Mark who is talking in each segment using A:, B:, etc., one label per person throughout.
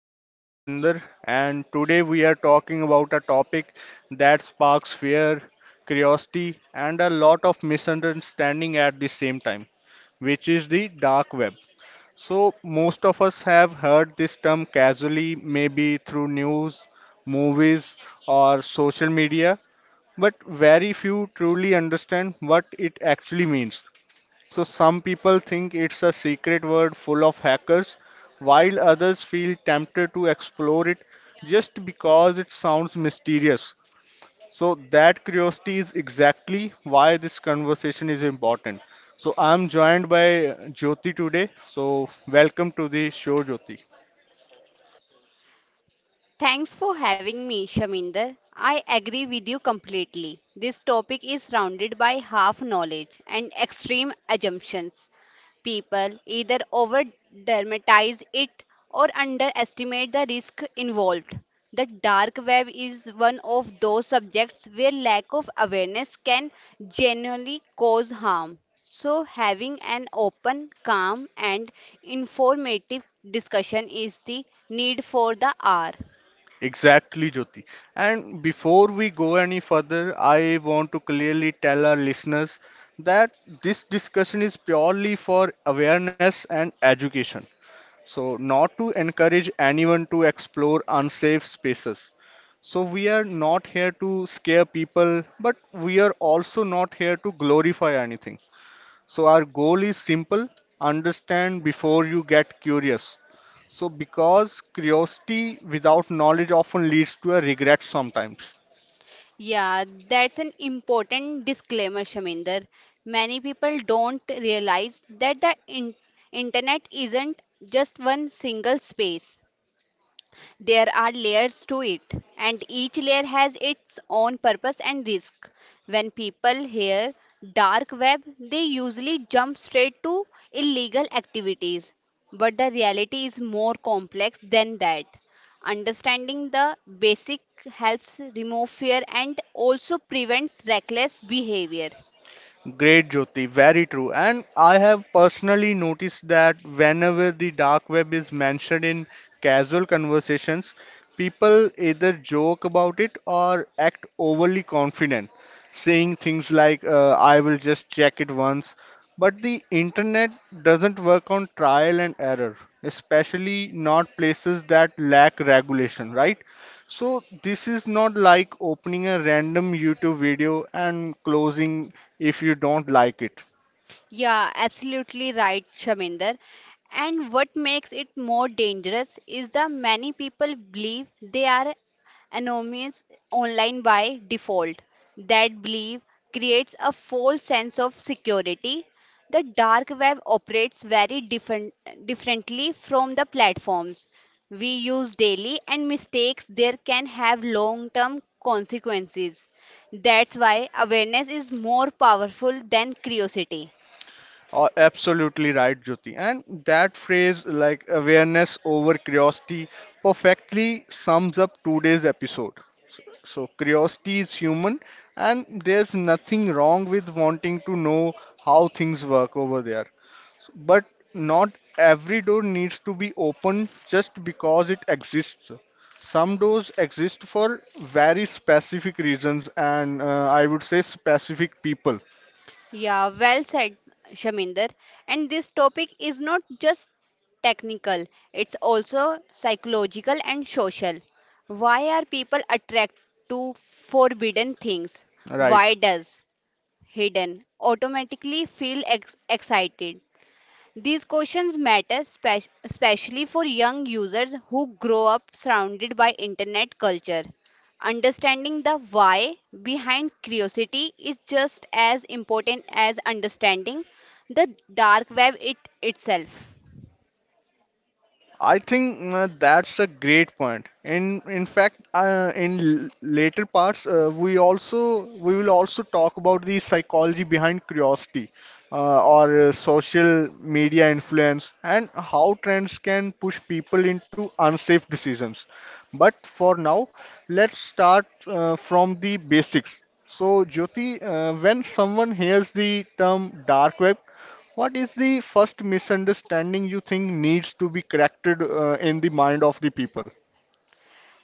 A: host Shminder and today we are talking about a topic that sparks fear, curiosity and a lot of misunderstanding at the same time, which is the dark web. So most of us have heard this term casually maybe through news, movies or social media, but very few truly understand what it actually means. So some people think it's a secret word full of hackers, while others feel tempted to explore it just because it sounds mysterious. So that curiosity is exactly why this conversation is important. So I'm joined by Jyoti today. So welcome to the show, Jyoti.
B: Completely. This topic is surrounded by half knowledge and extreme assumptions. People either over dramatize it or underestimate the risk involved. The dark web is one of those subjects where lack of awareness can genuinely cause harm. So, having an open, calm, and informative discussion is the need for the hour.
A: Exactly, Jyoti. And before we go any further, I want to clearly tell our listeners that this discussion is purely for awareness and education. So, not to encourage anyone to explore unsafe spaces. So, we are not here to scare people, but we are also not here to glorify anything. So, our goal is simple: understand before you get curious. So, because curiosity without knowledge often leads to a regret sometimes.
B: Yeah, that's an important disclaimer, Shaminder. Many people don't realize that the internet isn't just one single space. There are layers to it, and each layer has its own purpose and risk. When people hear dark web, they usually jump straight to illegal activities. But the reality is more complex than that. Understanding the basic helps remove fear and also prevents reckless behavior.
A: Great, Jyoti. Very true. And I have personally noticed that whenever the dark web is mentioned in casual conversations, people either joke about it or act overly confident, saying things like, I will just check it once. But the internet doesn't work on trial and error, especially not places that lack regulation, right? So this is not like opening a random YouTube video and closing if you don't like it.
B: Yeah, absolutely right, Shaminder. And what makes it more dangerous is that many people believe they are anonymous online by default. That belief creates a false sense of security. The dark web operates differently from the platforms we use daily, and mistakes there can have long term consequences. That's why awareness is more powerful than curiosity.
A: Absolutely right, Jyoti. And that phrase, like awareness over curiosity, perfectly sums up today's episode. So curiosity is human, and there's nothing wrong with wanting to know how things work over there. But not every door needs to be opened just because it exists. Some doors exist for very specific reasons and I would say specific people.
B: Yeah, well said, Shaminder. And this topic is not just technical, it's also psychological and social. Why are people attracted to forbidden things?
A: Right.
B: Why does hidden automatically excited? These questions matter especially for young users who grow up surrounded by internet culture. Understanding the why behind curiosity is just as important as understanding the dark web it itself.
A: I think That's a great point. In fact, in later parts, we will also talk about the psychology behind curiosity, or social media influence, and how trends can push people into unsafe decisions. But for now, let's start from the basics. So, Jyoti, when someone hears the term dark web, what is the first misunderstanding you think needs to be corrected in the mind of the people?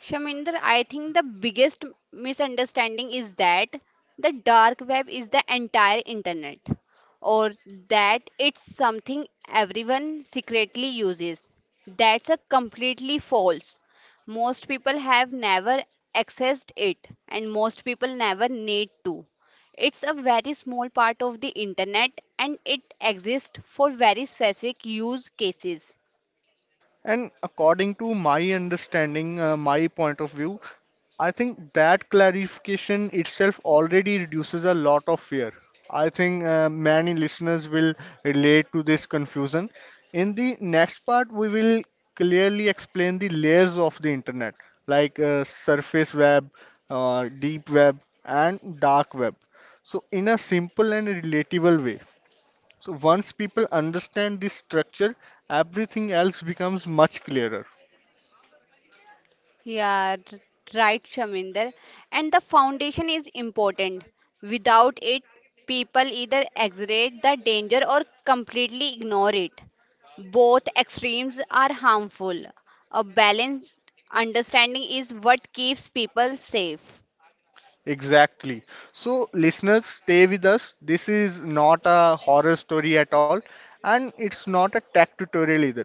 B: Shaminder, I think the biggest misunderstanding is that the dark web is the entire internet or that it's something everyone secretly uses. That's a completely false. Most people have never accessed it and most people never need to. It's a very small part of the internet and it exists for very specific use cases.
A: And according to my understanding, my point of view, I think that clarification itself already reduces a lot of fear. I think Many listeners will relate to this confusion. In the next part, we will clearly explain the layers of the internet, like surface web, deep web, and dark web. So, in a simple and relatable way. So once people understand this structure, everything else becomes much clearer.
B: Yeah, r- right, Shaminder. And the foundation is important. Without it, people either exaggerate the danger or completely ignore it. Both extremes are harmful. A balanced understanding is what keeps people safe.
A: Exactly. So listeners, stay with us. This is not a horror story at all, and it's not a tech tutorial either.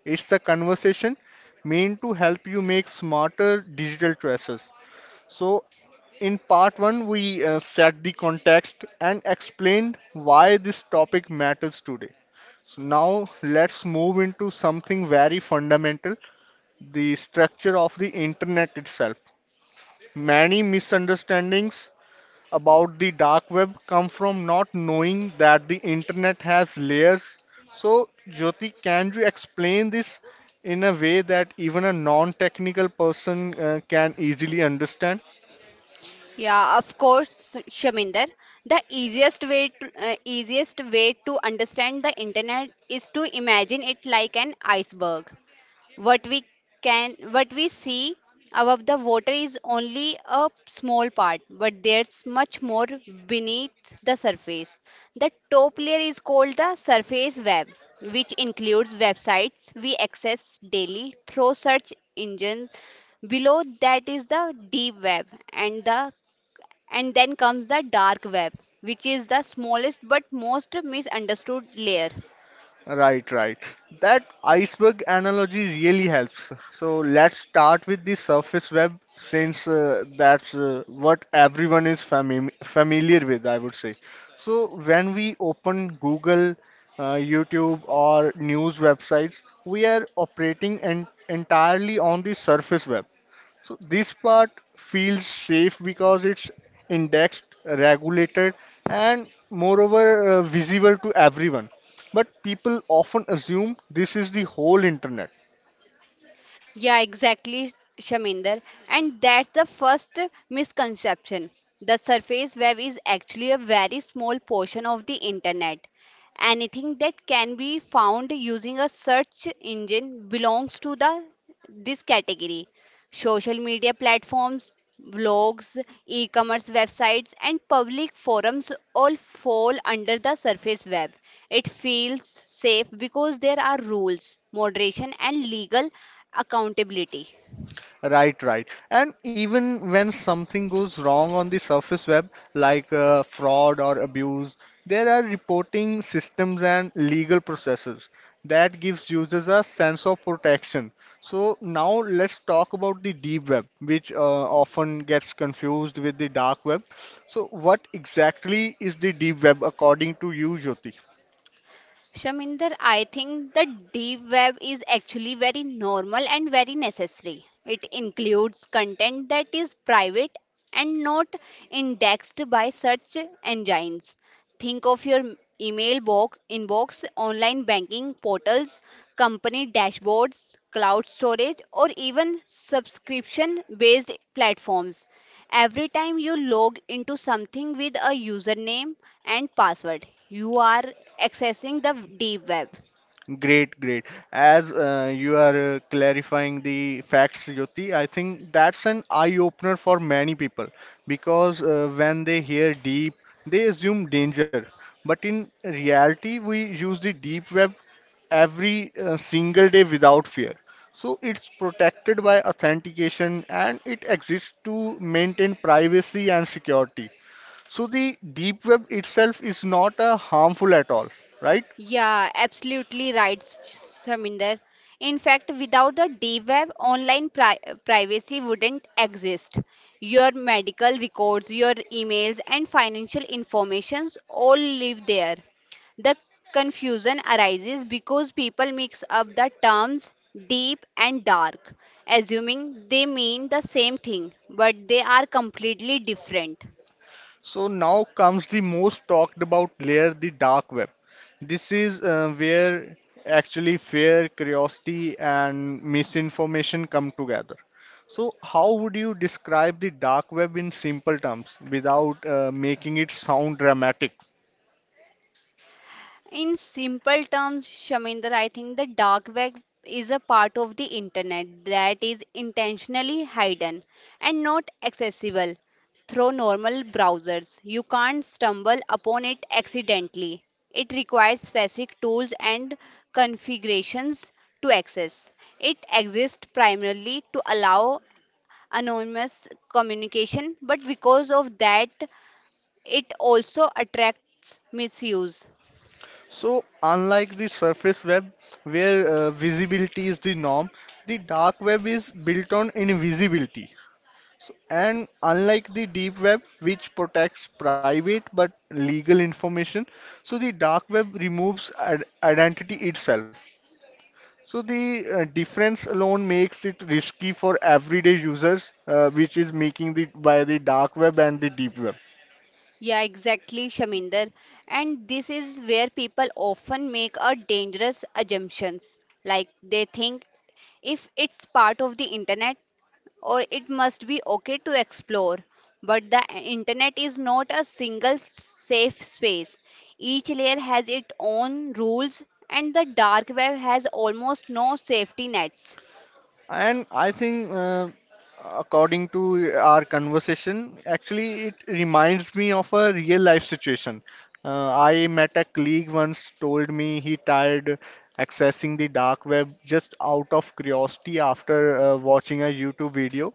A: It's a conversation meant to help you make smarter digital choices. So in part one, we set the context and explained why this topic matters today. So now let's move into something very fundamental: the structure of the internet itself. Many misunderstandings about the dark web come from not knowing that the internet has layers. So, Jyoti, can you explain this in a way that even a non technical person can easily understand?
B: Yeah, of course, Shaminder. The easiest way to, understand the internet is to imagine it like an iceberg. What we can what we see above the water is only a small part, but there's much more beneath the surface. The top layer is called the surface web, which includes websites we access daily through search engines. Below that is the deep web, and the and then comes the dark web, which is the smallest but most misunderstood layer.
A: Right, right. That iceberg analogy really helps. So let's start with the surface web since that's what everyone is familiar with, I would say. So when we open Google, YouTube, or news websites, we are operating en entirely on the surface web. So this part feels safe because it's indexed, regulated, and moreover visible to everyone. But people often assume this is the whole internet.
B: Yeah, exactly, Shaminder. And that's the first misconception. The surface web is actually a very small portion of the internet. Anything that can be found using a search engine belongs to the this category. Social media platforms, blogs, e-commerce websites, and public forums all fall under the surface web. It feels safe because there are rules, moderation, and legal accountability.
A: Right, right. And even when something goes wrong on the surface web, like fraud or abuse, there are reporting systems and legal processes that gives users a sense of protection. So now let's talk about the deep web, which often gets confused with the dark web. So what exactly is the deep web according to you, Jyoti?
B: Shaminder, I think the deep web is actually very normal and very necessary. It includes content that is private and not indexed by search engines. Think of your inbox, online banking portals, company dashboards, cloud storage, or even subscription based platforms. Every time you log into something with a username and password, you are accessing the deep web.
A: Great, great. As you are clarifying the facts, Jyoti, I think that's an eye-opener for many people because when they hear deep, they assume danger. But in reality, we use the deep web every single day without fear. So it's protected by authentication and it exists to maintain privacy and security. So the deep web itself is not harmful at all, right?
B: Yeah, absolutely right, Saminder. In fact, without the deep web, privacy wouldn't exist. Your medical records, your emails, and financial informations all live there. The confusion arises because people mix up the terms deep and dark, assuming they mean the same thing, but they are completely different.
A: So now comes the most talked about layer, the dark web. This is where actually fear, curiosity, and misinformation come together. So, how would you describe the dark web in simple terms without making it sound dramatic?
B: In simple terms, Shaminder, I think the dark web is a part of the internet that is intentionally hidden and not accessible through normal browsers. You can't stumble upon it accidentally. It requires specific tools and configurations to access. It exists primarily to allow anonymous communication, but because of that, it also attracts misuse.
A: So, unlike the surface web, where visibility is the norm, the dark web is built on invisibility. So, and unlike the deep web, which protects private but legal information, so the dark web removes identity itself. So the difference alone makes it risky for everyday users, which is making the by the dark web and the deep web.
B: Yeah, exactly, Shaminder. And this is where people often make a dangerous assumptions. Like they think if it's part of the internet or it must be okay to explore. But the internet is not a single safe space. Each layer has its own rules and the dark web has almost no safety nets.
A: And according to our conversation, actually it reminds me of a real life situation. I met a colleague once told me he tried accessing the dark web just out of curiosity after watching a YouTube video.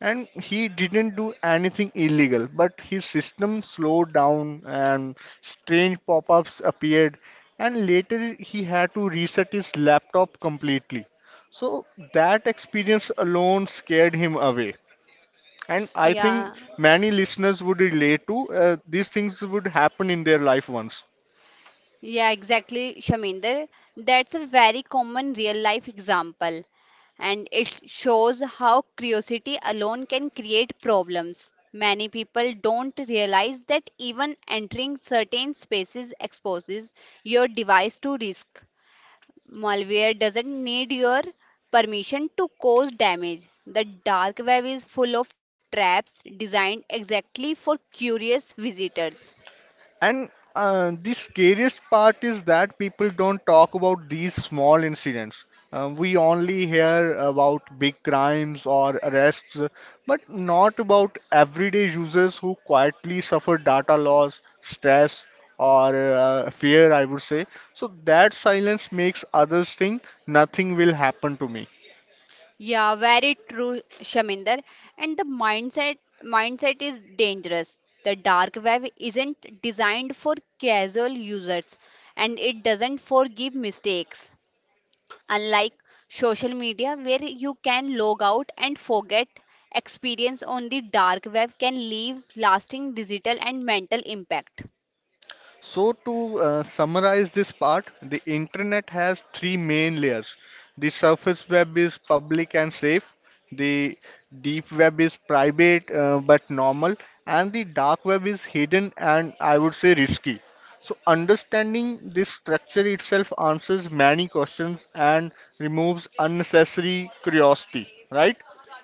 A: And he didn't do anything illegal, but his system slowed down and strange pop-ups appeared. And later he had to reset his laptop completely. So that experience alone scared him away. And I think
B: Yeah,
A: many listeners would relate to these things would happen in their life once.
B: Yeah, exactly, Shaminder. That's a very common real life example, and it shows how curiosity alone can create problems. Many people don't realize that even entering certain spaces exposes your device to risk. Malware doesn't need your permission to cause damage. The dark web is full of traps designed exactly for curious visitors.
A: And the scariest part is that people don't talk about these small incidents. We only hear about big crimes or arrests, but not about everyday users who quietly suffer data loss, stress, or fear, I would say. So that silence makes others think nothing will happen to me.
B: Yeah, very true, Shaminder. And the mindset is dangerous. The dark web isn't designed for casual users and it doesn't forgive mistakes. Unlike social media where you can log out and forget, experience on the dark web can leave lasting digital and mental impact.
A: So, to summarize this part, the internet has three main layers. The surface web is public and safe, the deep web is private but normal, and the dark web is hidden and I would say risky. So, understanding this structure itself answers many questions and removes unnecessary curiosity, right?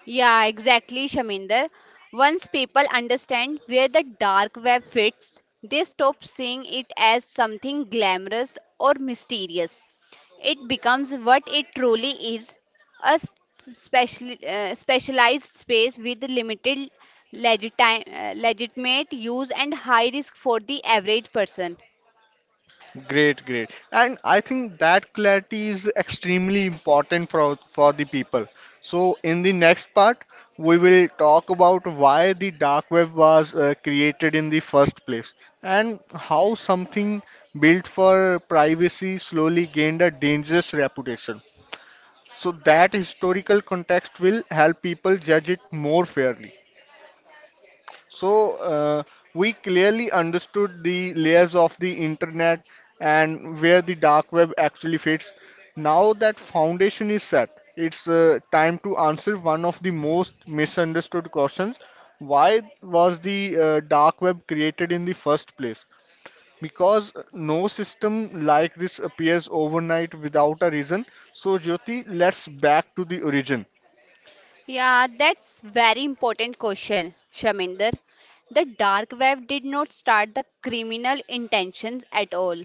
B: Yeah, exactly, Shaminder. Once people understand where the dark web fits, they stop seeing it as something glamorous or mysterious. It becomes what it truly is, a specialized space with limited legitimate use and high risk for the average person.
A: Great, great. And I think that clarity is extremely important for the people. So in the next part, we will talk about why the dark web was created in the first place and how something built for privacy slowly gained a dangerous reputation. So that historical context will help people judge it more fairly. So we clearly understood the layers of the internet and where the dark web actually fits. Now that foundation is set, it's time to answer one of the most misunderstood questions. Why was the dark web created in the first place? Because no system like this appears overnight without a reason. So Jyoti, let's back to the origin.
B: Yeah, that's very important question, Shaminder. The dark web did not start the criminal intentions at all.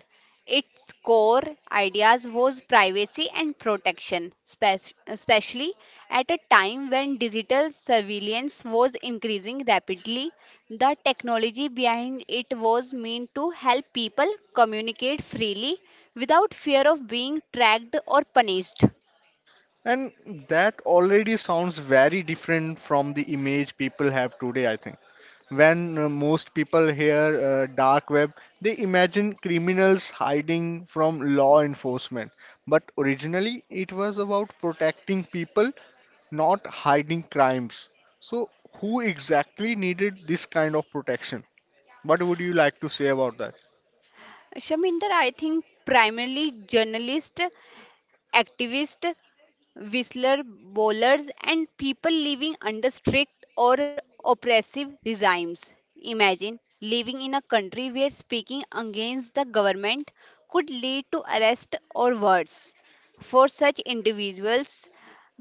B: Its core ideas was privacy and protection, especially at a time when digital surveillance was increasing rapidly. The technology behind it was meant to help people communicate freely without fear of being tracked or punished.
A: And that already sounds very different from the image people have today, I think. When most people hear dark web, they imagine criminals hiding from law enforcement. But originally, it was about protecting people, not hiding crimes. So, who exactly needed this kind of protection? What would you like to say about that?
B: Shaminder, I think primarily journalists, activists, whistler bowlers, and people living under strict or oppressive regimes. Imagine living in a country where speaking against the government could lead to arrest or worse. For such individuals,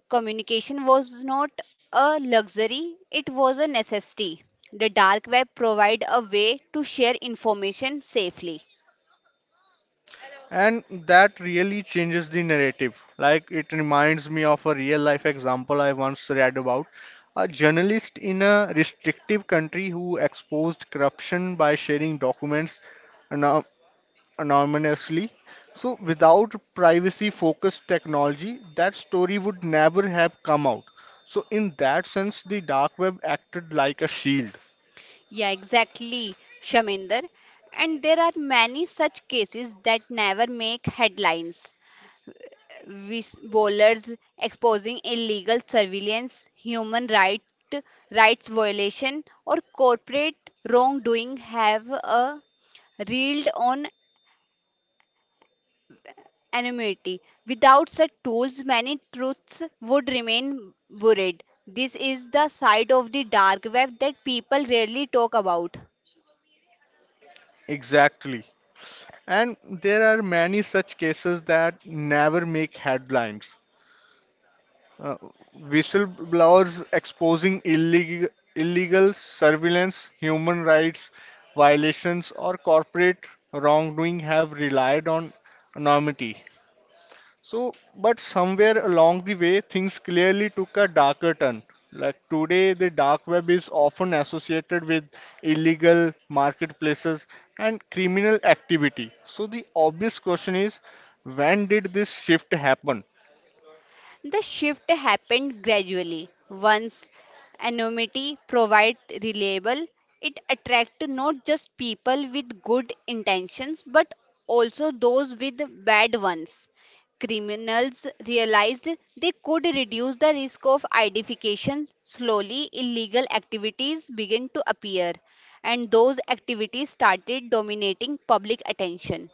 B: communication was not a luxury, it was a necessity. The dark web provided a way to share information safely.
A: And that really changes the narrative. Like it reminds me of a real life example I once read about a journalist in a restrictive country who exposed corruption by sharing documents ano- anonymously. So, without privacy focused technology, that story would never have come out. So, in that sense, the dark web acted like a shield.
B: Yeah, exactly, Shaminder. And there are many such cases that never make headlines. Whis- Bowlers exposing illegal surveillance, rights violation, or corporate wrongdoing have a reeled on anonymity. Without such tools, many truths would remain buried. This is the side of the dark web that people rarely talk about.
A: Exactly. And there are many such cases that never make headlines. Uh, Whistleblowers exposing illegal surveillance, human rights violations, or corporate wrongdoing have relied on anonymity. So, but somewhere along the way, things clearly took a darker turn. Like today, the dark web is often associated with illegal marketplaces and criminal activity. So, the obvious question is when did this shift happen?
B: The shift happened gradually. Once anonymity provided reliable, it attracted not just people with good intentions but also those with bad ones. Criminals realized they could reduce the risk of identification. Slowly, illegal activities began to appear, and those activities started dominating public attention.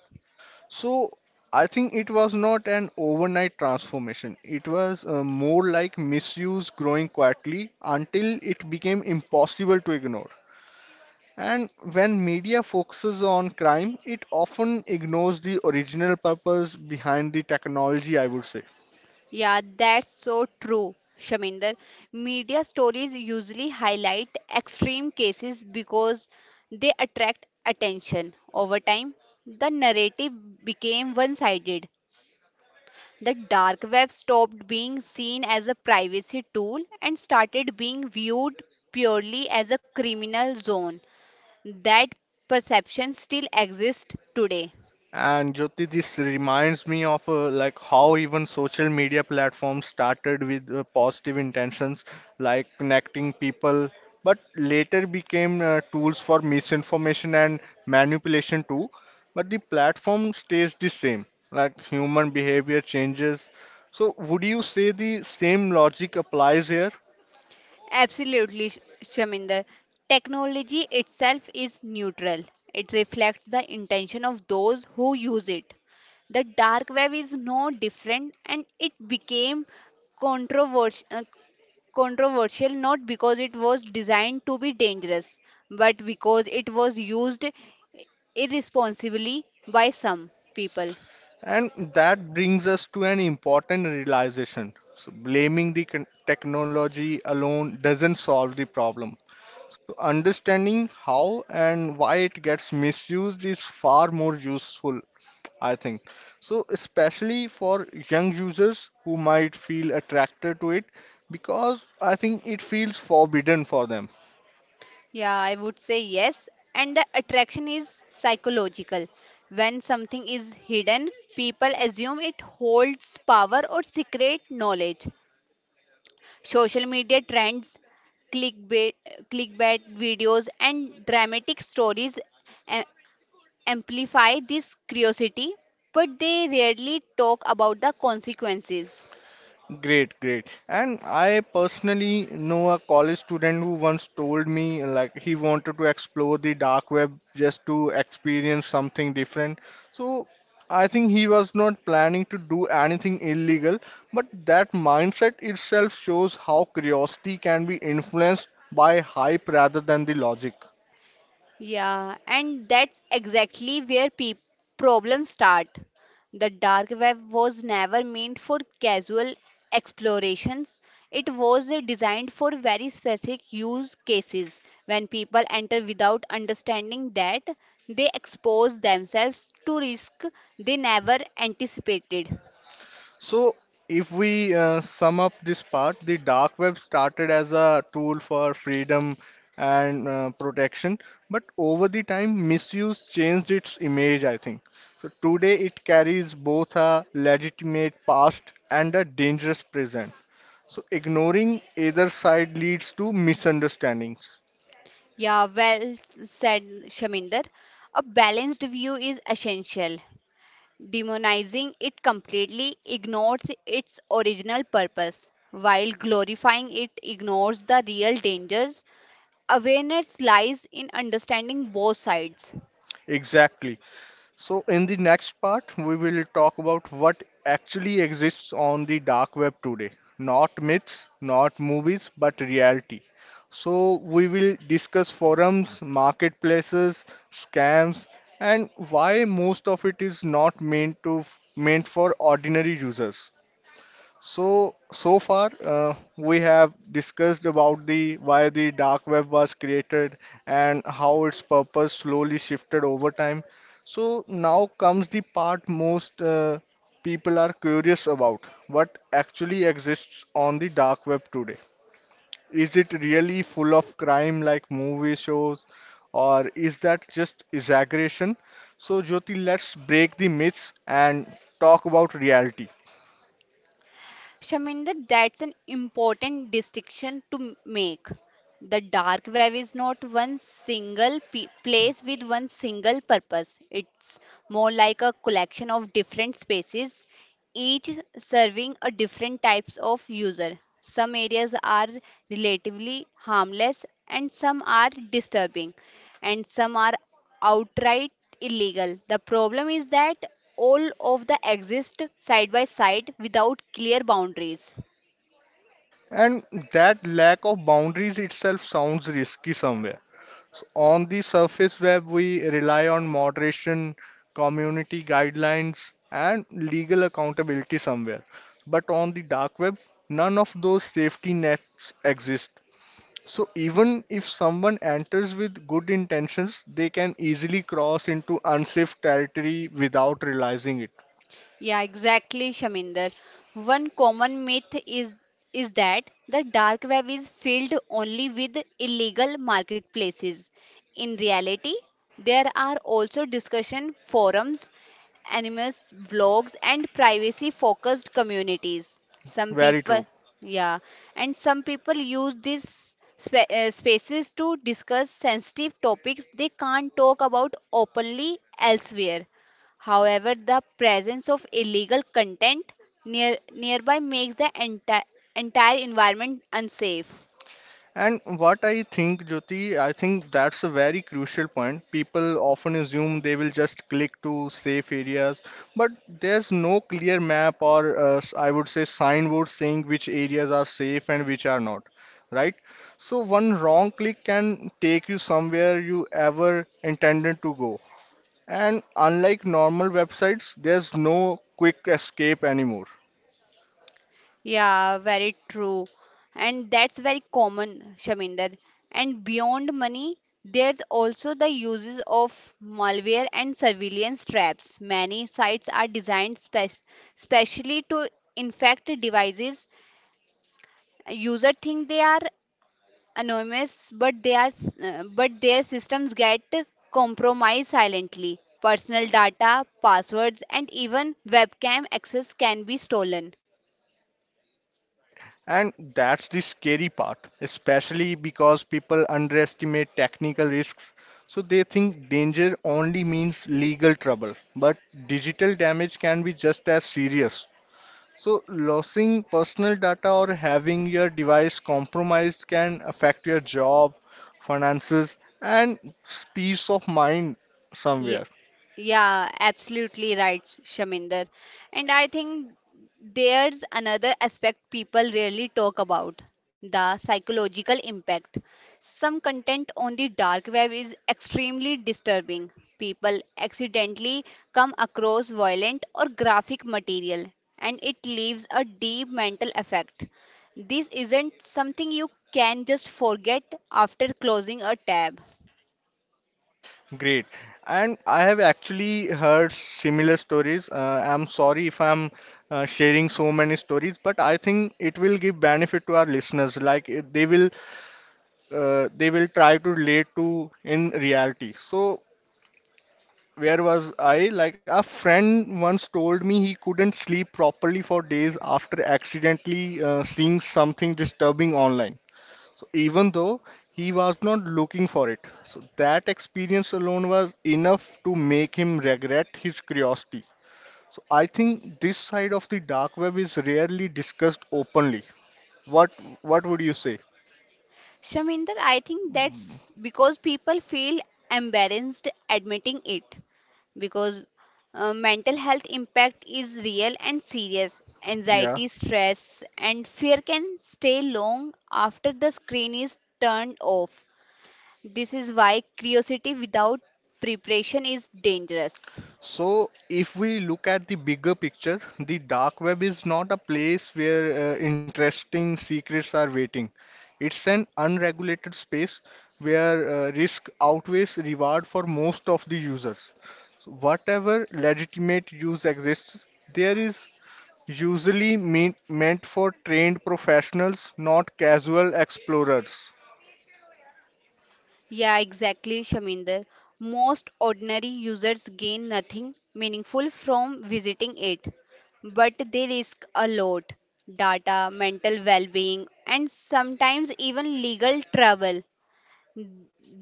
A: So I think it was not an overnight transformation. It was more like misuse growing quietly until it became impossible to ignore. And when media focuses on crime, it often ignores the original purpose behind the technology, I would say.
B: Yeah, that's so true, Shaminder. Media stories usually highlight extreme cases because they attract attention. Over time, the narrative became one sided. The dark web stopped being seen as a privacy tool and started being viewed purely as a criminal zone. That perception still exists today.
A: And Jyoti, this reminds me of like how even social media platforms started with positive intentions, like connecting people, but later became tools for misinformation and manipulation too. But the platform stays the same, like human behavior changes. So would you say the same logic applies here?
B: Absolutely, Shaminder. Technology itself is neutral. It reflects the intention of those who use it. The dark web is no different and it became controversial, controversial not because it was designed to be dangerous, but because it was used irresponsibly by some people.
A: And that brings us to an important realization. So blaming the technology alone doesn't solve the problem. So understanding how and why it gets misused is far more useful, I think. So especially for young users who might feel attracted to it because I think it feels forbidden for them.
B: Yeah, I would say yes. And the attraction is psychological. When something is hidden, people assume it holds power or secret knowledge. Social media trends, clickbait, clickbait videos, and dramatic stories a- amplify this curiosity, but they rarely talk about the consequences.
A: Great, great. And I personally know a college student who once told me he wanted to explore the dark web just to experience something different. So I think he was not planning to do anything illegal, but that mindset itself shows how curiosity can be influenced by hype rather than the logic.
B: Yeah, and that's exactly where peop problems start. The dark web was never meant for casual explorations. It was designed for very specific use cases. When people enter without understanding that, they expose themselves to risk they never anticipated.
A: So, if we sum up this part, the dark web started as a tool for freedom and protection, but over the time, misuse changed its image, I think. So, today it carries both a legitimate past and a dangerous present. So, ignoring either side leads to misunderstandings.
B: Yeah, well said, Shaminder. A balanced view is essential. Demonizing it completely ignores its original purpose, while glorifying it ignores the real dangers. Awareness lies in understanding both sides.
A: Exactly. So, in the next part, we will talk about what actually exists on the dark web today. Not myths, not movies, but reality. So, we will discuss forums, marketplaces, scams, and why most of it is not meant to meant for ordinary users. So, so far, we have discussed about the why the dark web was created and how its purpose slowly shifted over time. So now comes the part most people are curious about. What actually exists on the dark web today? Is it really full of crime like movie shows, or is that just exaggeration? So, Jyoti, let's break the myths and talk about reality.
B: Shaminder, that's an important distinction to make. The dark web is not one single place with one single purpose. It's more like a collection of different spaces each serving a different types of user. Some areas are relatively harmless and some are disturbing and some are outright illegal. The problem is that all of the exist side by side without clear boundaries.
A: And that lack of boundaries itself sounds risky somewhere. So on the surface web, we rely on moderation, community guidelines, and legal accountability somewhere. But on the dark web, none of those safety nets exist. So even if someone enters with good intentions, they can easily cross into unsafe territory without realizing it.
B: Yeah, exactly, Shaminder. One common myth is that the dark web is filled only with illegal marketplaces. In reality, there are also discussion forums, anonymous blogs, and privacy-focused communities. Some
A: Very true.
B: people, yeah, and some people use these spaces to discuss sensitive topics they can't talk about openly elsewhere. However, the presence of illegal content nearby makes the entire environment unsafe.
A: And what I think, Jyoti, I think that's a very crucial point. People often assume they will just click to safe areas, but there's no clear map or I would say signboard saying which areas are safe and which are not, right? So one wrong click can take you somewhere you ever intended to go. And unlike normal websites, there's no quick escape anymore.
B: Yeah, very true. And that's very common, Shaminder. And beyond money, there's also the uses of malware and surveillance traps. Many sites are designed specially to infect devices. User think they are anonymous, but but their systems get compromised silently. Personal data, passwords, and even webcam access can be stolen.
A: Right, and that's the scary part, especially because people underestimate technical risks. So they think danger only means legal trouble, but digital damage can be just as serious. So, losing personal data or having your device compromised can affect your job, finances, and peace of mind
B: Ye-
A: somewhere.
B: Yeah, absolutely right, Shaminder. And I think there's another aspect people rarely talk about, the psychological impact. Some content on the dark web is extremely disturbing. People accidentally come across violent or graphic material, and it leaves a deep mental effect. This isn't something you can just forget after closing a tab.
A: Great. And I have actually heard similar stories. I'm sorry if I'm sharing so many stories, but I think it will give benefit to our listeners. They will they will try to relate to in reality. So where was I? Like a friend once told me he couldn't sleep properly for days after accidentally seeing something disturbing online. So even though he was not looking for it, so that experience alone was enough to make him regret his curiosity. So I think this side of the dark web is rarely discussed openly. What what would you say?
B: Shaminder, I think that's because people feel embarrassed admitting it because mental health impact is real and serious.
A: Yeah.
B: Anxiety, stress, and fear can stay long after the screen is turned off. This is why curiosity without preparation is dangerous.
A: So, if we look at the bigger picture, the dark web is not a place where interesting secrets are waiting. It's an unregulated space where risk outweighs reward for most of the users. So whatever legitimate use exists, there is meant for trained professionals, not casual explorers.
B: Yeah, exactly, Shaminder. Most ordinary users gain nothing meaningful from visiting it, but they risk a lot data, mental well being, and sometimes even legal trouble.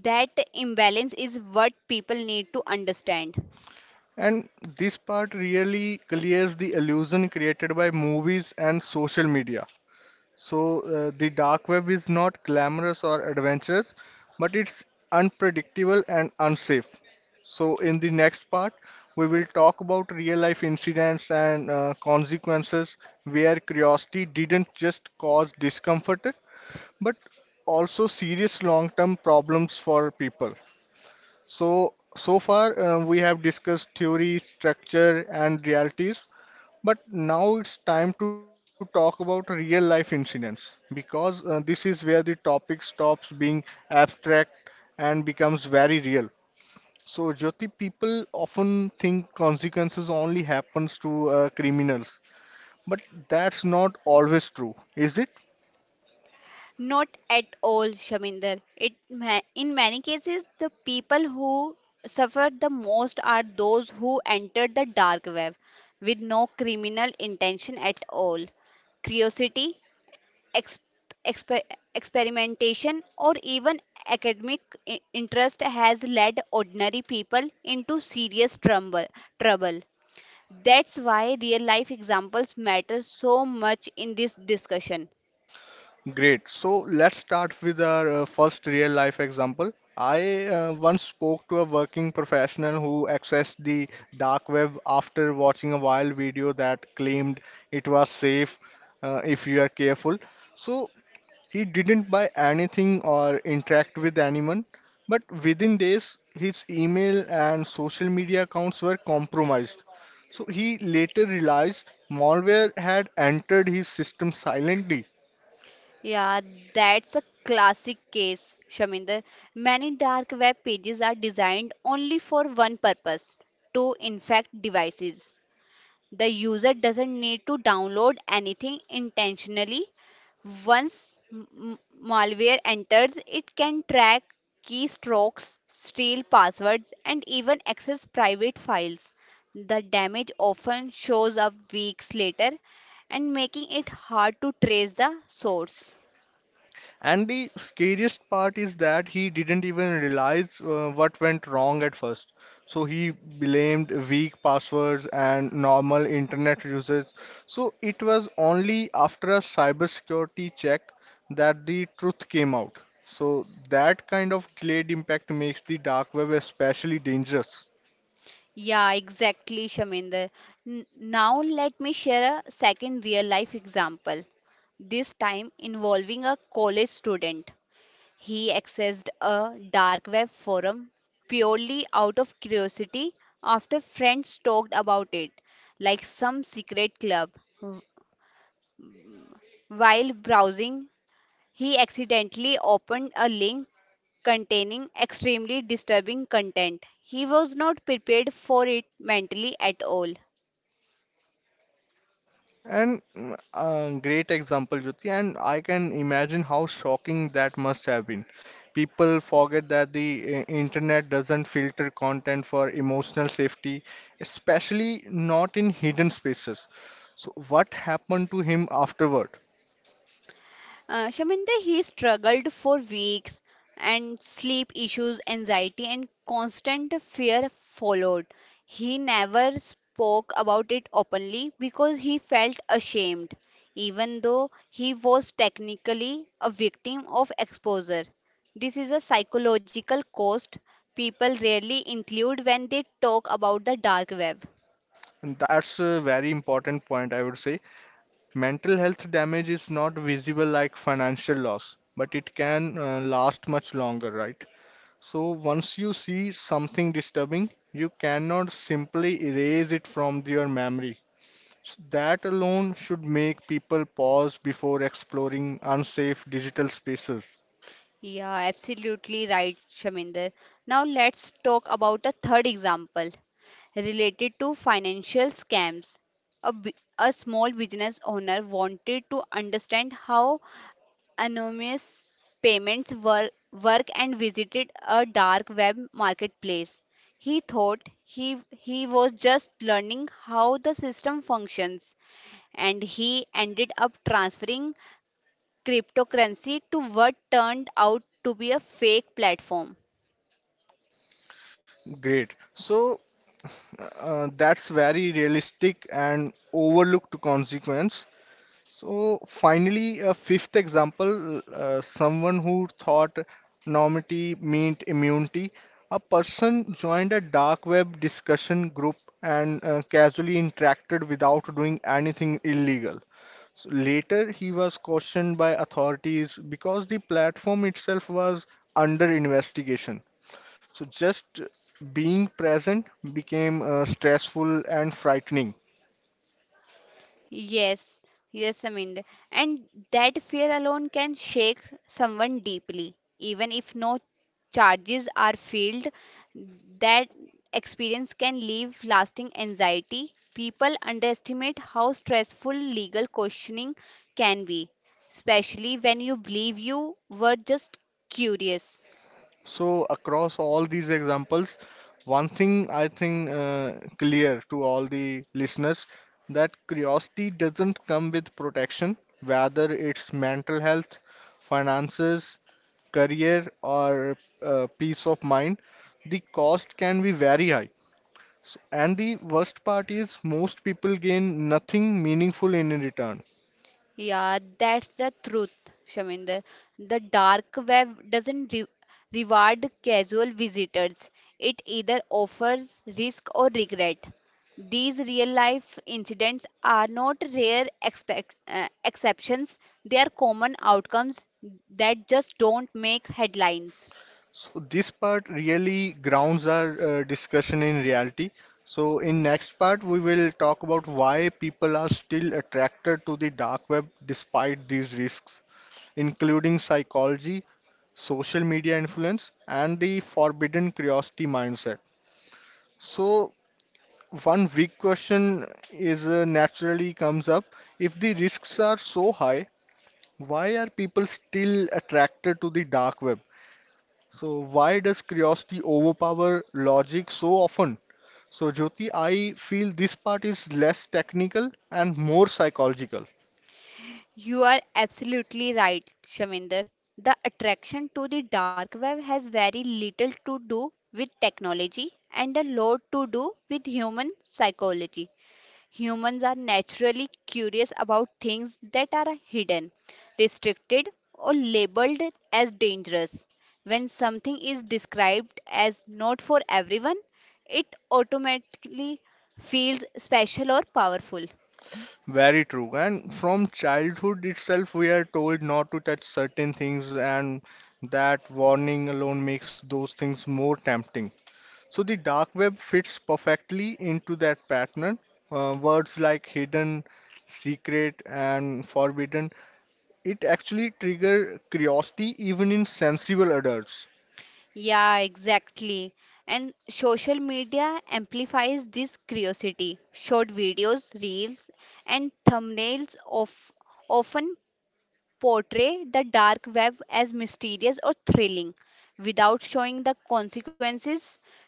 B: That imbalance is what people need to understand.
A: And this part really clears the illusion created by movies and social media. So, the dark web is not glamorous or adventurous, but it's unpredictable and unsafe. So, in the next part, we will talk about real life incidents and consequences where curiosity didn't just cause discomfort, but also serious long term problems for people. So, so far, we have discussed theory, structure, and realities. But now it's time to talk about real life incidents because this is where the topic stops being abstract and becomes very real. So, Jyoti, people often think consequences only happens to criminals, but that's not always true, is it?
B: Not at all, Shaminder. In many cases, the people who suffer the most are those who entered the dark web with no criminal intention at all. Curiosity, ex- exper- experimentation, or even academic interest has led ordinary people into serious trouble. That's why real life examples matter so much in this discussion.
A: Great. So let's start with our first real life example. I once spoke to a working professional who accessed the dark web after watching a wild video that claimed it was safe if you are careful. So he didn't buy anything or interact with anyone, but within days, his email and social media accounts were compromised. So he later realized malware had entered his system silently.
B: Yeah, that's a classic case, Shaminder. Many dark web pages are designed only for one purpose to infect devices. The user doesn't need to download anything intentionally. Once malware enters, it can track keystrokes, steal passwords, and even access private files. The damage often shows up weeks later and making it hard to trace the source.
A: And the scariest part is that he didn't even realize what went wrong at first. So he blamed weak passwords and normal internet usage. So it was only after a cybersecurity check that the truth came out. So that kind of delayed impact makes the dark web especially dangerous.
B: Yeah, exactly, Shaminder. Now let me share a second real life example, this time involving a college student. He accessed a dark web forum purely out of curiosity after friends talked about it, like some secret club. Wh- While browsing, he accidentally opened a link containing extremely disturbing content. He was not prepared for it mentally at all.
A: And great example, Jyoti, and I can imagine how shocking that must have been. People forget that the internet doesn't filter content for emotional safety, especially not in hidden spaces. So, what happened to him afterward?
B: Shaminda, he struggled for weeks, and sleep issues, anxiety, and constant fear followed. He never spoke about it openly because he felt ashamed, even though he was technically a victim of exposure. This is a psychological cost people rarely include when they talk about the dark web.
A: And that's a very important point, I would say. Mental health damage is not visible like financial loss, but it can last much longer, right? So once you see something disturbing, you cannot simply erase it from your memory. So that alone should make people pause before exploring unsafe digital spaces.
B: Yeah, absolutely right, Shaminder. Now let's talk about the third example related to financial scams. A, bu- a small business owner wanted to understand how anonymous payments work and visited a dark web marketplace. He thought he was just learning how the system functions, and he ended up transferring cryptocurrency to what turned out to be a fake platform.
A: Great. So that's very realistic and overlooked consequence. So finally, a fifth example, someone who thought normity meant immunity. A person joined a dark web discussion group and casually interacted without doing anything illegal. So later, he was questioned by authorities because the platform itself was under investigation. So just being present became stressful and frightening.
B: Yes, yes, I mean, And That fear alone can shake someone deeply. Even if no charges are filed, that experience can leave lasting anxiety. People underestimate how stressful legal questioning can be, especially when you believe you were just curious.
A: So across all these examples, one thing I think clear to all the listeners that curiosity doesn't come with protection, whether it's mental health, finances, career, or peace of mind, the cost can be very high. So, and the worst part is most people gain nothing meaningful in return.
B: Yeah, that's the truth, Shaminder. The dark web doesn't re reward casual visitors. It either offers risk or regret. These real-life incidents are not rare exceptions. They are common outcomes that just don't make headlines.
A: So this part really grounds our discussion in reality. So in next part we will talk about why people are still attracted to the dark web despite these risks, including psychology, social media influence, and the forbidden curiosity mindset. So one big question is naturally comes up, if the risks are so high, why are people still attracted to the dark web? So why does curiosity overpower logic so often? So Jyoti, I feel this part is less technical and more psychological.
B: You are absolutely right, Shaminder. The attraction to the dark web has very little to do with technology and a lot to do with human psychology. Humans are naturally curious about things that are hidden, restricted, or labeled as dangerous. When something is described as not for everyone, it automatically feels special or powerful.
A: Very true. And from childhood itself, we are told not to touch certain things, and that warning alone makes those things more tempting. So the dark web fits perfectly into that pattern. Words like hidden, secret, and forbidden it actually trigger curiosity even in sensible adults.
B: Yeah, exactly. And social media amplifies this curiosity. Short videos, reels, and thumbnails of often portray the dark web as mysterious or thrilling without showing the consequences.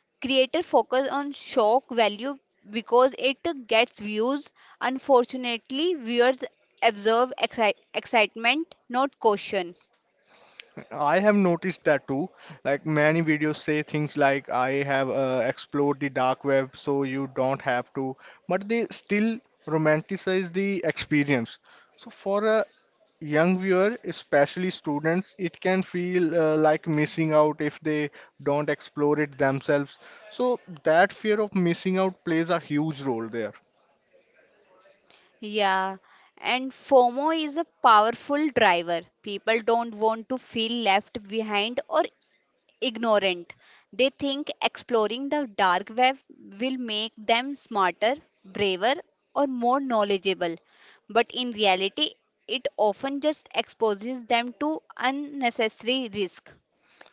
B: Creators focus on shock value because it gets views. Unfortunately, viewers observe excitement, not caution.
A: I have noticed that too. Like many videos say things like I have explored the dark web so you don't have to, but they still romanticize the experience. So for a young viewer, especially students, it can feel like missing out if they don't explore it themselves. So that fear of missing out plays a huge role there.
B: Yeah, and FOMO is a powerful driver. People don't want to feel left behind or ignorant. They think exploring the dark web will make them smarter, braver, or more knowledgeable. But in reality, it often just exposes them to unnecessary risk.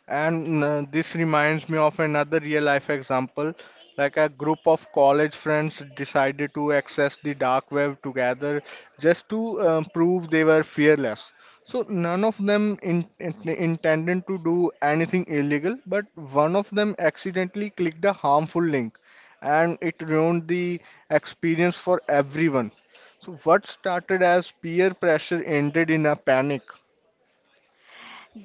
A: And this reminds me of another real life example. Like a group of college friends decided to access the dark web together just to prove they were fearless. So none of them intended to do anything illegal, but one of them accidentally clicked a harmful link and it ruined the experience for everyone. So what started as peer pressure ended in a panic.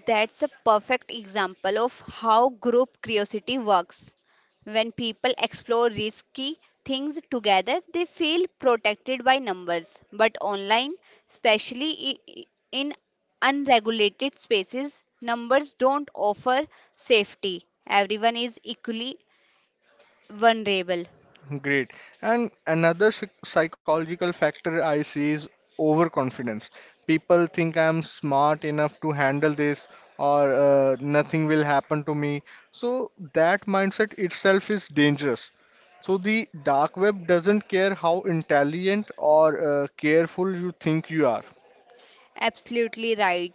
B: That's a perfect example of how group curiosity works. When people explore risky things together, they feel protected by numbers. But online, especially in unregulated spaces, numbers don't offer safety. Everyone is equally vulnerable.
A: Great. And another psychological factor I see is overconfidence. People think I'm smart enough to handle this or nothing will happen to me. So that mindset itself is dangerous. So the dark web doesn't care how intelligent or careful you think you are.
B: Absolutely right.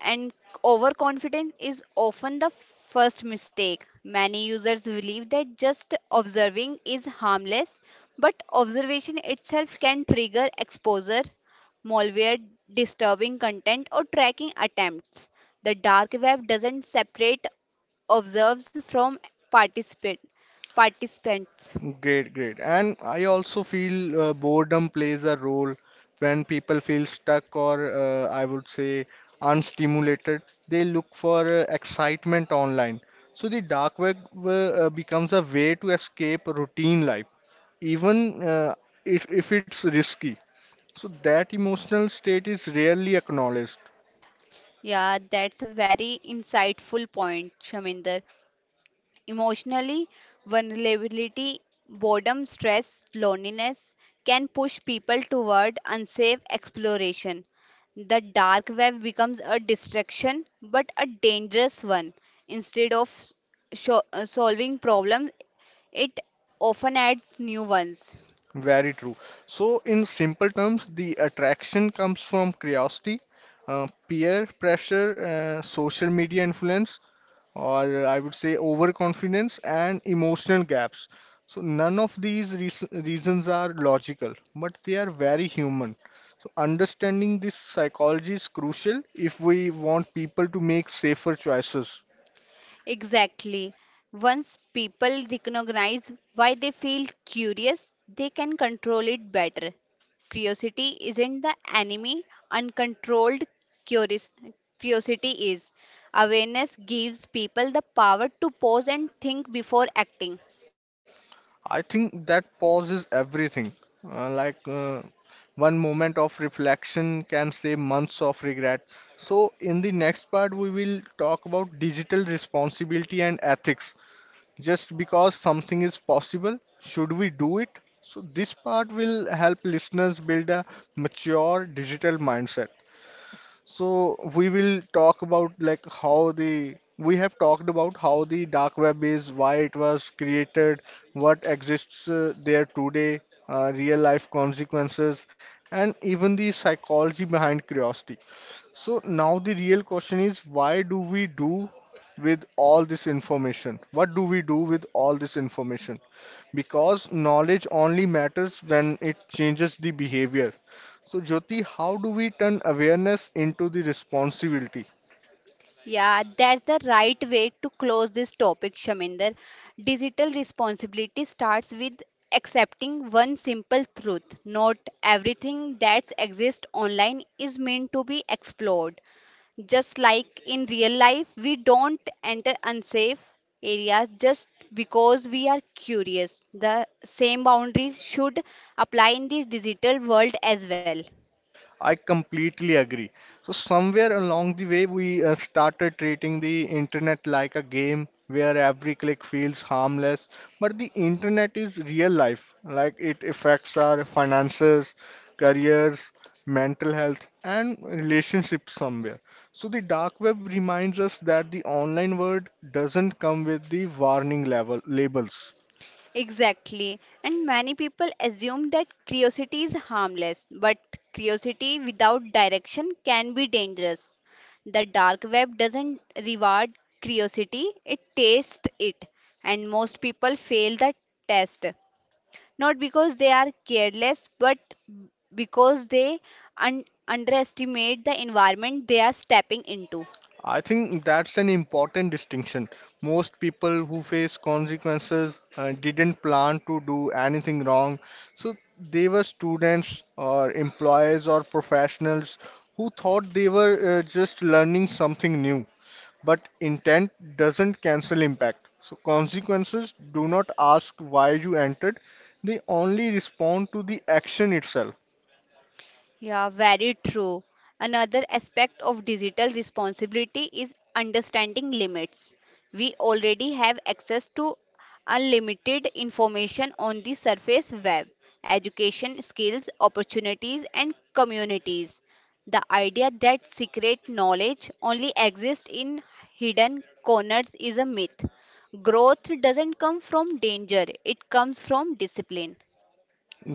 B: And overconfidence is often the first mistake. Many users believe that just observing is harmless, but observation itself can trigger exposure, malware, disturbing content, or tracking attempts. The dark web doesn't separate observes from participant participants.
A: Great, great. And I also feel boredom plays a role when people feel stuck or I would say unstimulated. They look for excitement online. So the dark web becomes a way to escape routine life, even if it's risky. So that emotional state is rarely acknowledged.
B: Yeah, that's a very insightful point, Shaminder. Emotionally, vulnerability, boredom, stress, loneliness can push people toward unsafe exploration. The dark web becomes a distraction but a dangerous one. Instead of solving problems, it often adds new ones.
A: Very true. So, in simple terms, the attraction comes from curiosity, peer pressure, social media influence, or I would say overconfidence and emotional gaps. So, none of these reasons are logical, but they are very human. So, understanding this psychology is crucial if we want people to make safer choices.
B: Exactly. Once people recognize why they feel curious, they can control it better. Curiosity isn't the enemy, uncontrolled curios- curiosity is. Awareness gives people the power to pause and think before acting.
A: I think that pauses everything. Uh, like, uh, One moment of reflection can save months of regret. So, in the next part, we will talk about digital responsibility and ethics. Just because something is possible, should we do it? So, this part will help listeners build a mature digital mindset. So we will talk about like how the we have talked about how the dark web is, why it was created, what exists there today, real life consequences, and even the psychology behind curiosity. So now the real question is why do we do with all this information? What do we do with all this information? Because knowledge only matters when it changes the behavior. So, Jyoti, how do we turn awareness into the responsibility?
B: Yeah, that's the right way to close this topic, Shaminder. Digital responsibility starts with accepting one simple truth. Not everything that exists online is meant to be explored. Just like in real life, we don't enter unsafe areas just because we are curious. The same boundaries should apply in the digital world as well.
A: I completely agree. So somewhere along the way, we started treating the internet like a game where every click feels harmless. But the internet is real life. Like it affects our finances, careers, mental health, and relationships somewhere. So the dark web reminds us that the online world doesn't come with the warning level labels.
B: Exactly. And many people assume that curiosity is harmless, but curiosity without direction can be dangerous. The dark web doesn't reward curiosity, it tastes it. And most people fail the test, not because they are careless, but because they underestimate the environment they are stepping into.
A: I think that's an important distinction. Most people who face consequences didn't plan to do anything wrong. So they were students or employees or professionals who thought they were just learning something new. But intent doesn't cancel impact. So consequences do not ask why you entered, they only respond to the action itself.
B: Yeah, very true. Another aspect of digital responsibility is understanding limits. We already have access to unlimited information on the surface web, education, skills, opportunities, and communities. The idea that secret knowledge only exists in hidden corners is a myth. Growth doesn't come from danger, it comes from discipline.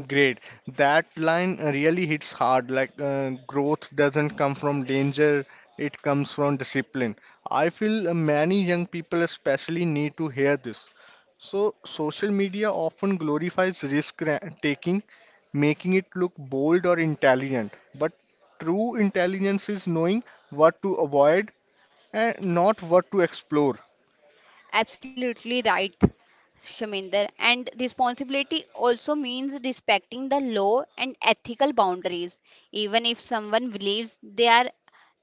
A: Great. That line really hits hard. Like growth doesn't come from danger, it comes from discipline. I feel many young people especially need to hear this. So, social media often glorifies taking, making it look bold or intelligent. But true intelligence is knowing what to avoid and not what to explore.
B: Absolutely right, Shaminder. And responsibility also means respecting the law and ethical boundaries. Even if someone believes they are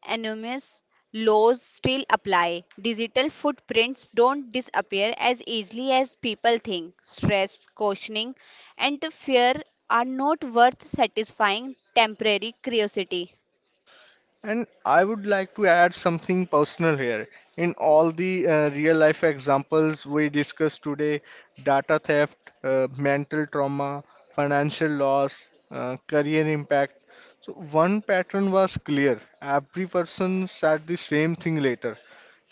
B: anonymous, laws still apply. Digital footprints don't disappear as easily as people think. Stress, cautioning, and fear are not worth satisfying temporary curiosity.
A: And I would like to add something personal here. In all the real life examples we discussed today, data theft, mental trauma, financial loss, career impact. So, one pattern was clear. Every person said the same thing later,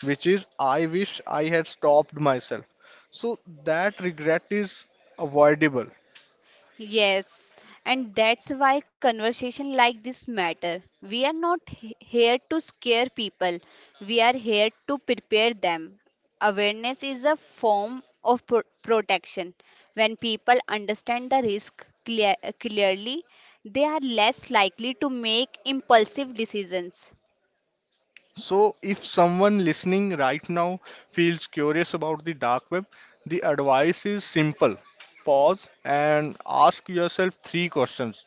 A: which is, I wish I had stopped myself. So, that regret is avoidable.
B: Yes, and that's why conversation like this matter. We are not here to scare people. We are here to prepare them. Awareness is a form of protection. When people understand the risk clearly, they are less likely to make impulsive decisions.
A: So, if someone listening right now feels curious about the dark web, the advice is simple. Pause and ask yourself three questions.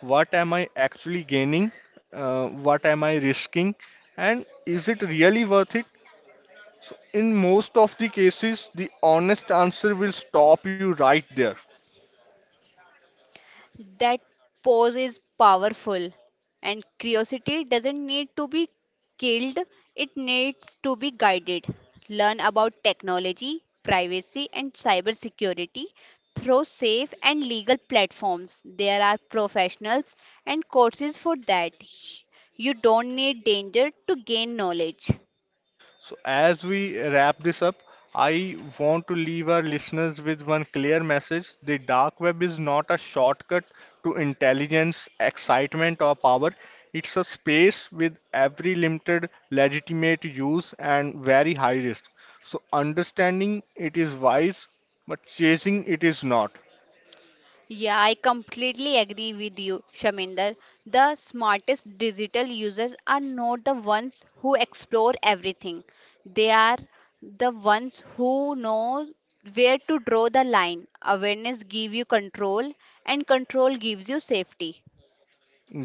A: What am I actually gaining? What am I risking? And is it really worth it? So, in most of the cases, the honest answer will stop you right there.
B: That pose is powerful, and curiosity doesn't need to be killed, it needs to be guided. Learn about technology, privacy, and cybersecurity through safe and legal platforms. There are professionals and courses for that. You don't need danger to gain knowledge.
A: So, as we wrap this up, I want to leave our listeners with one clear message. The dark web is not a shortcut to intelligence, excitement, or power. It's a space with every limited legitimate use and very high risk. So, understanding it is wise, but chasing it is not.
B: Yeah, I completely agree with you, Shaminder. The smartest digital users are not the ones who explore everything. They are the ones who know where to draw the line. Awareness gives you control and control gives you safety.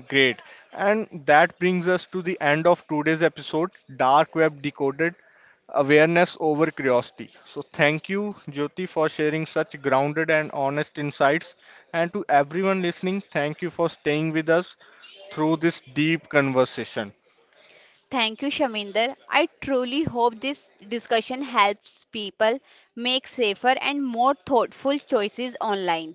A: Great. And that brings us to the end of today's episode Dark Web Decoded Awareness Over Curiosity. So, thank you, Jyoti, for sharing such grounded and honest insights. And to everyone listening, thank you for staying with us through this deep conversation.
B: Thank you, Shaminder. I truly hope this discussion helps people make safer and more thoughtful choices online.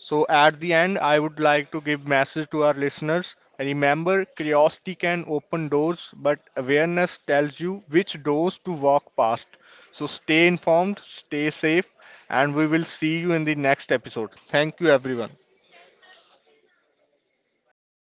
A: So at the end, I would like to give message to our listeners. Remember, curiosity can open doors, but awareness tells you which doors to walk past. So stay informed, stay safe, and we will see you in the next episode. Thank you, everyone.